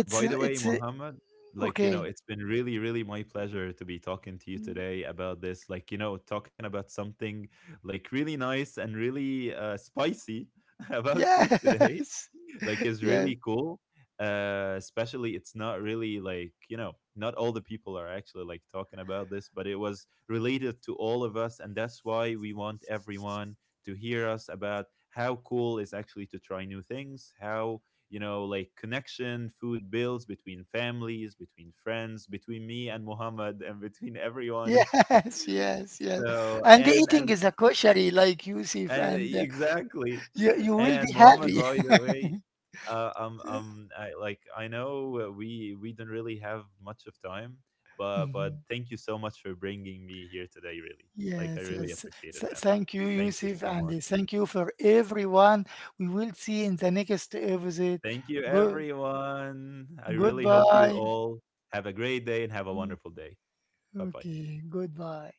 it's By an- the way, it's a- Mohammed, like, you know, okay. it's been really, really my pleasure to be talking to you Mm, today about this. Like, you know, talking about something like really nice and really uh, spicy about food today. yes. Like, is Yes. really cool. Uh, especially, it's not really like, you know, not all the people are actually like talking about this, but it was related to all of us. And that's why we want everyone to hear us about how cool is actually to try new things, how, you know, like connection food builds between families, between friends, between me and Muhammad, and between everyone. Yes, yes, yes. So And and eating and is a koshery like Yusuf, and and uh, exactly. you, you will And be Muhammad, happy. by the way, uh, um um I, like I know, uh, we we don't really have much of time, but but Mhm. thank you so much for bringing me here today, really. Like, I Yes, really yes. appreciate it, Th- man. Thank you, Thank you Yusuf, so and much. uh, thank you for everyone. We will see in the next episode. Thank you Good. everyone. I really hope you Goodbye. all have a great day and have a wonderful day. Bye bye. Okay, goodbye.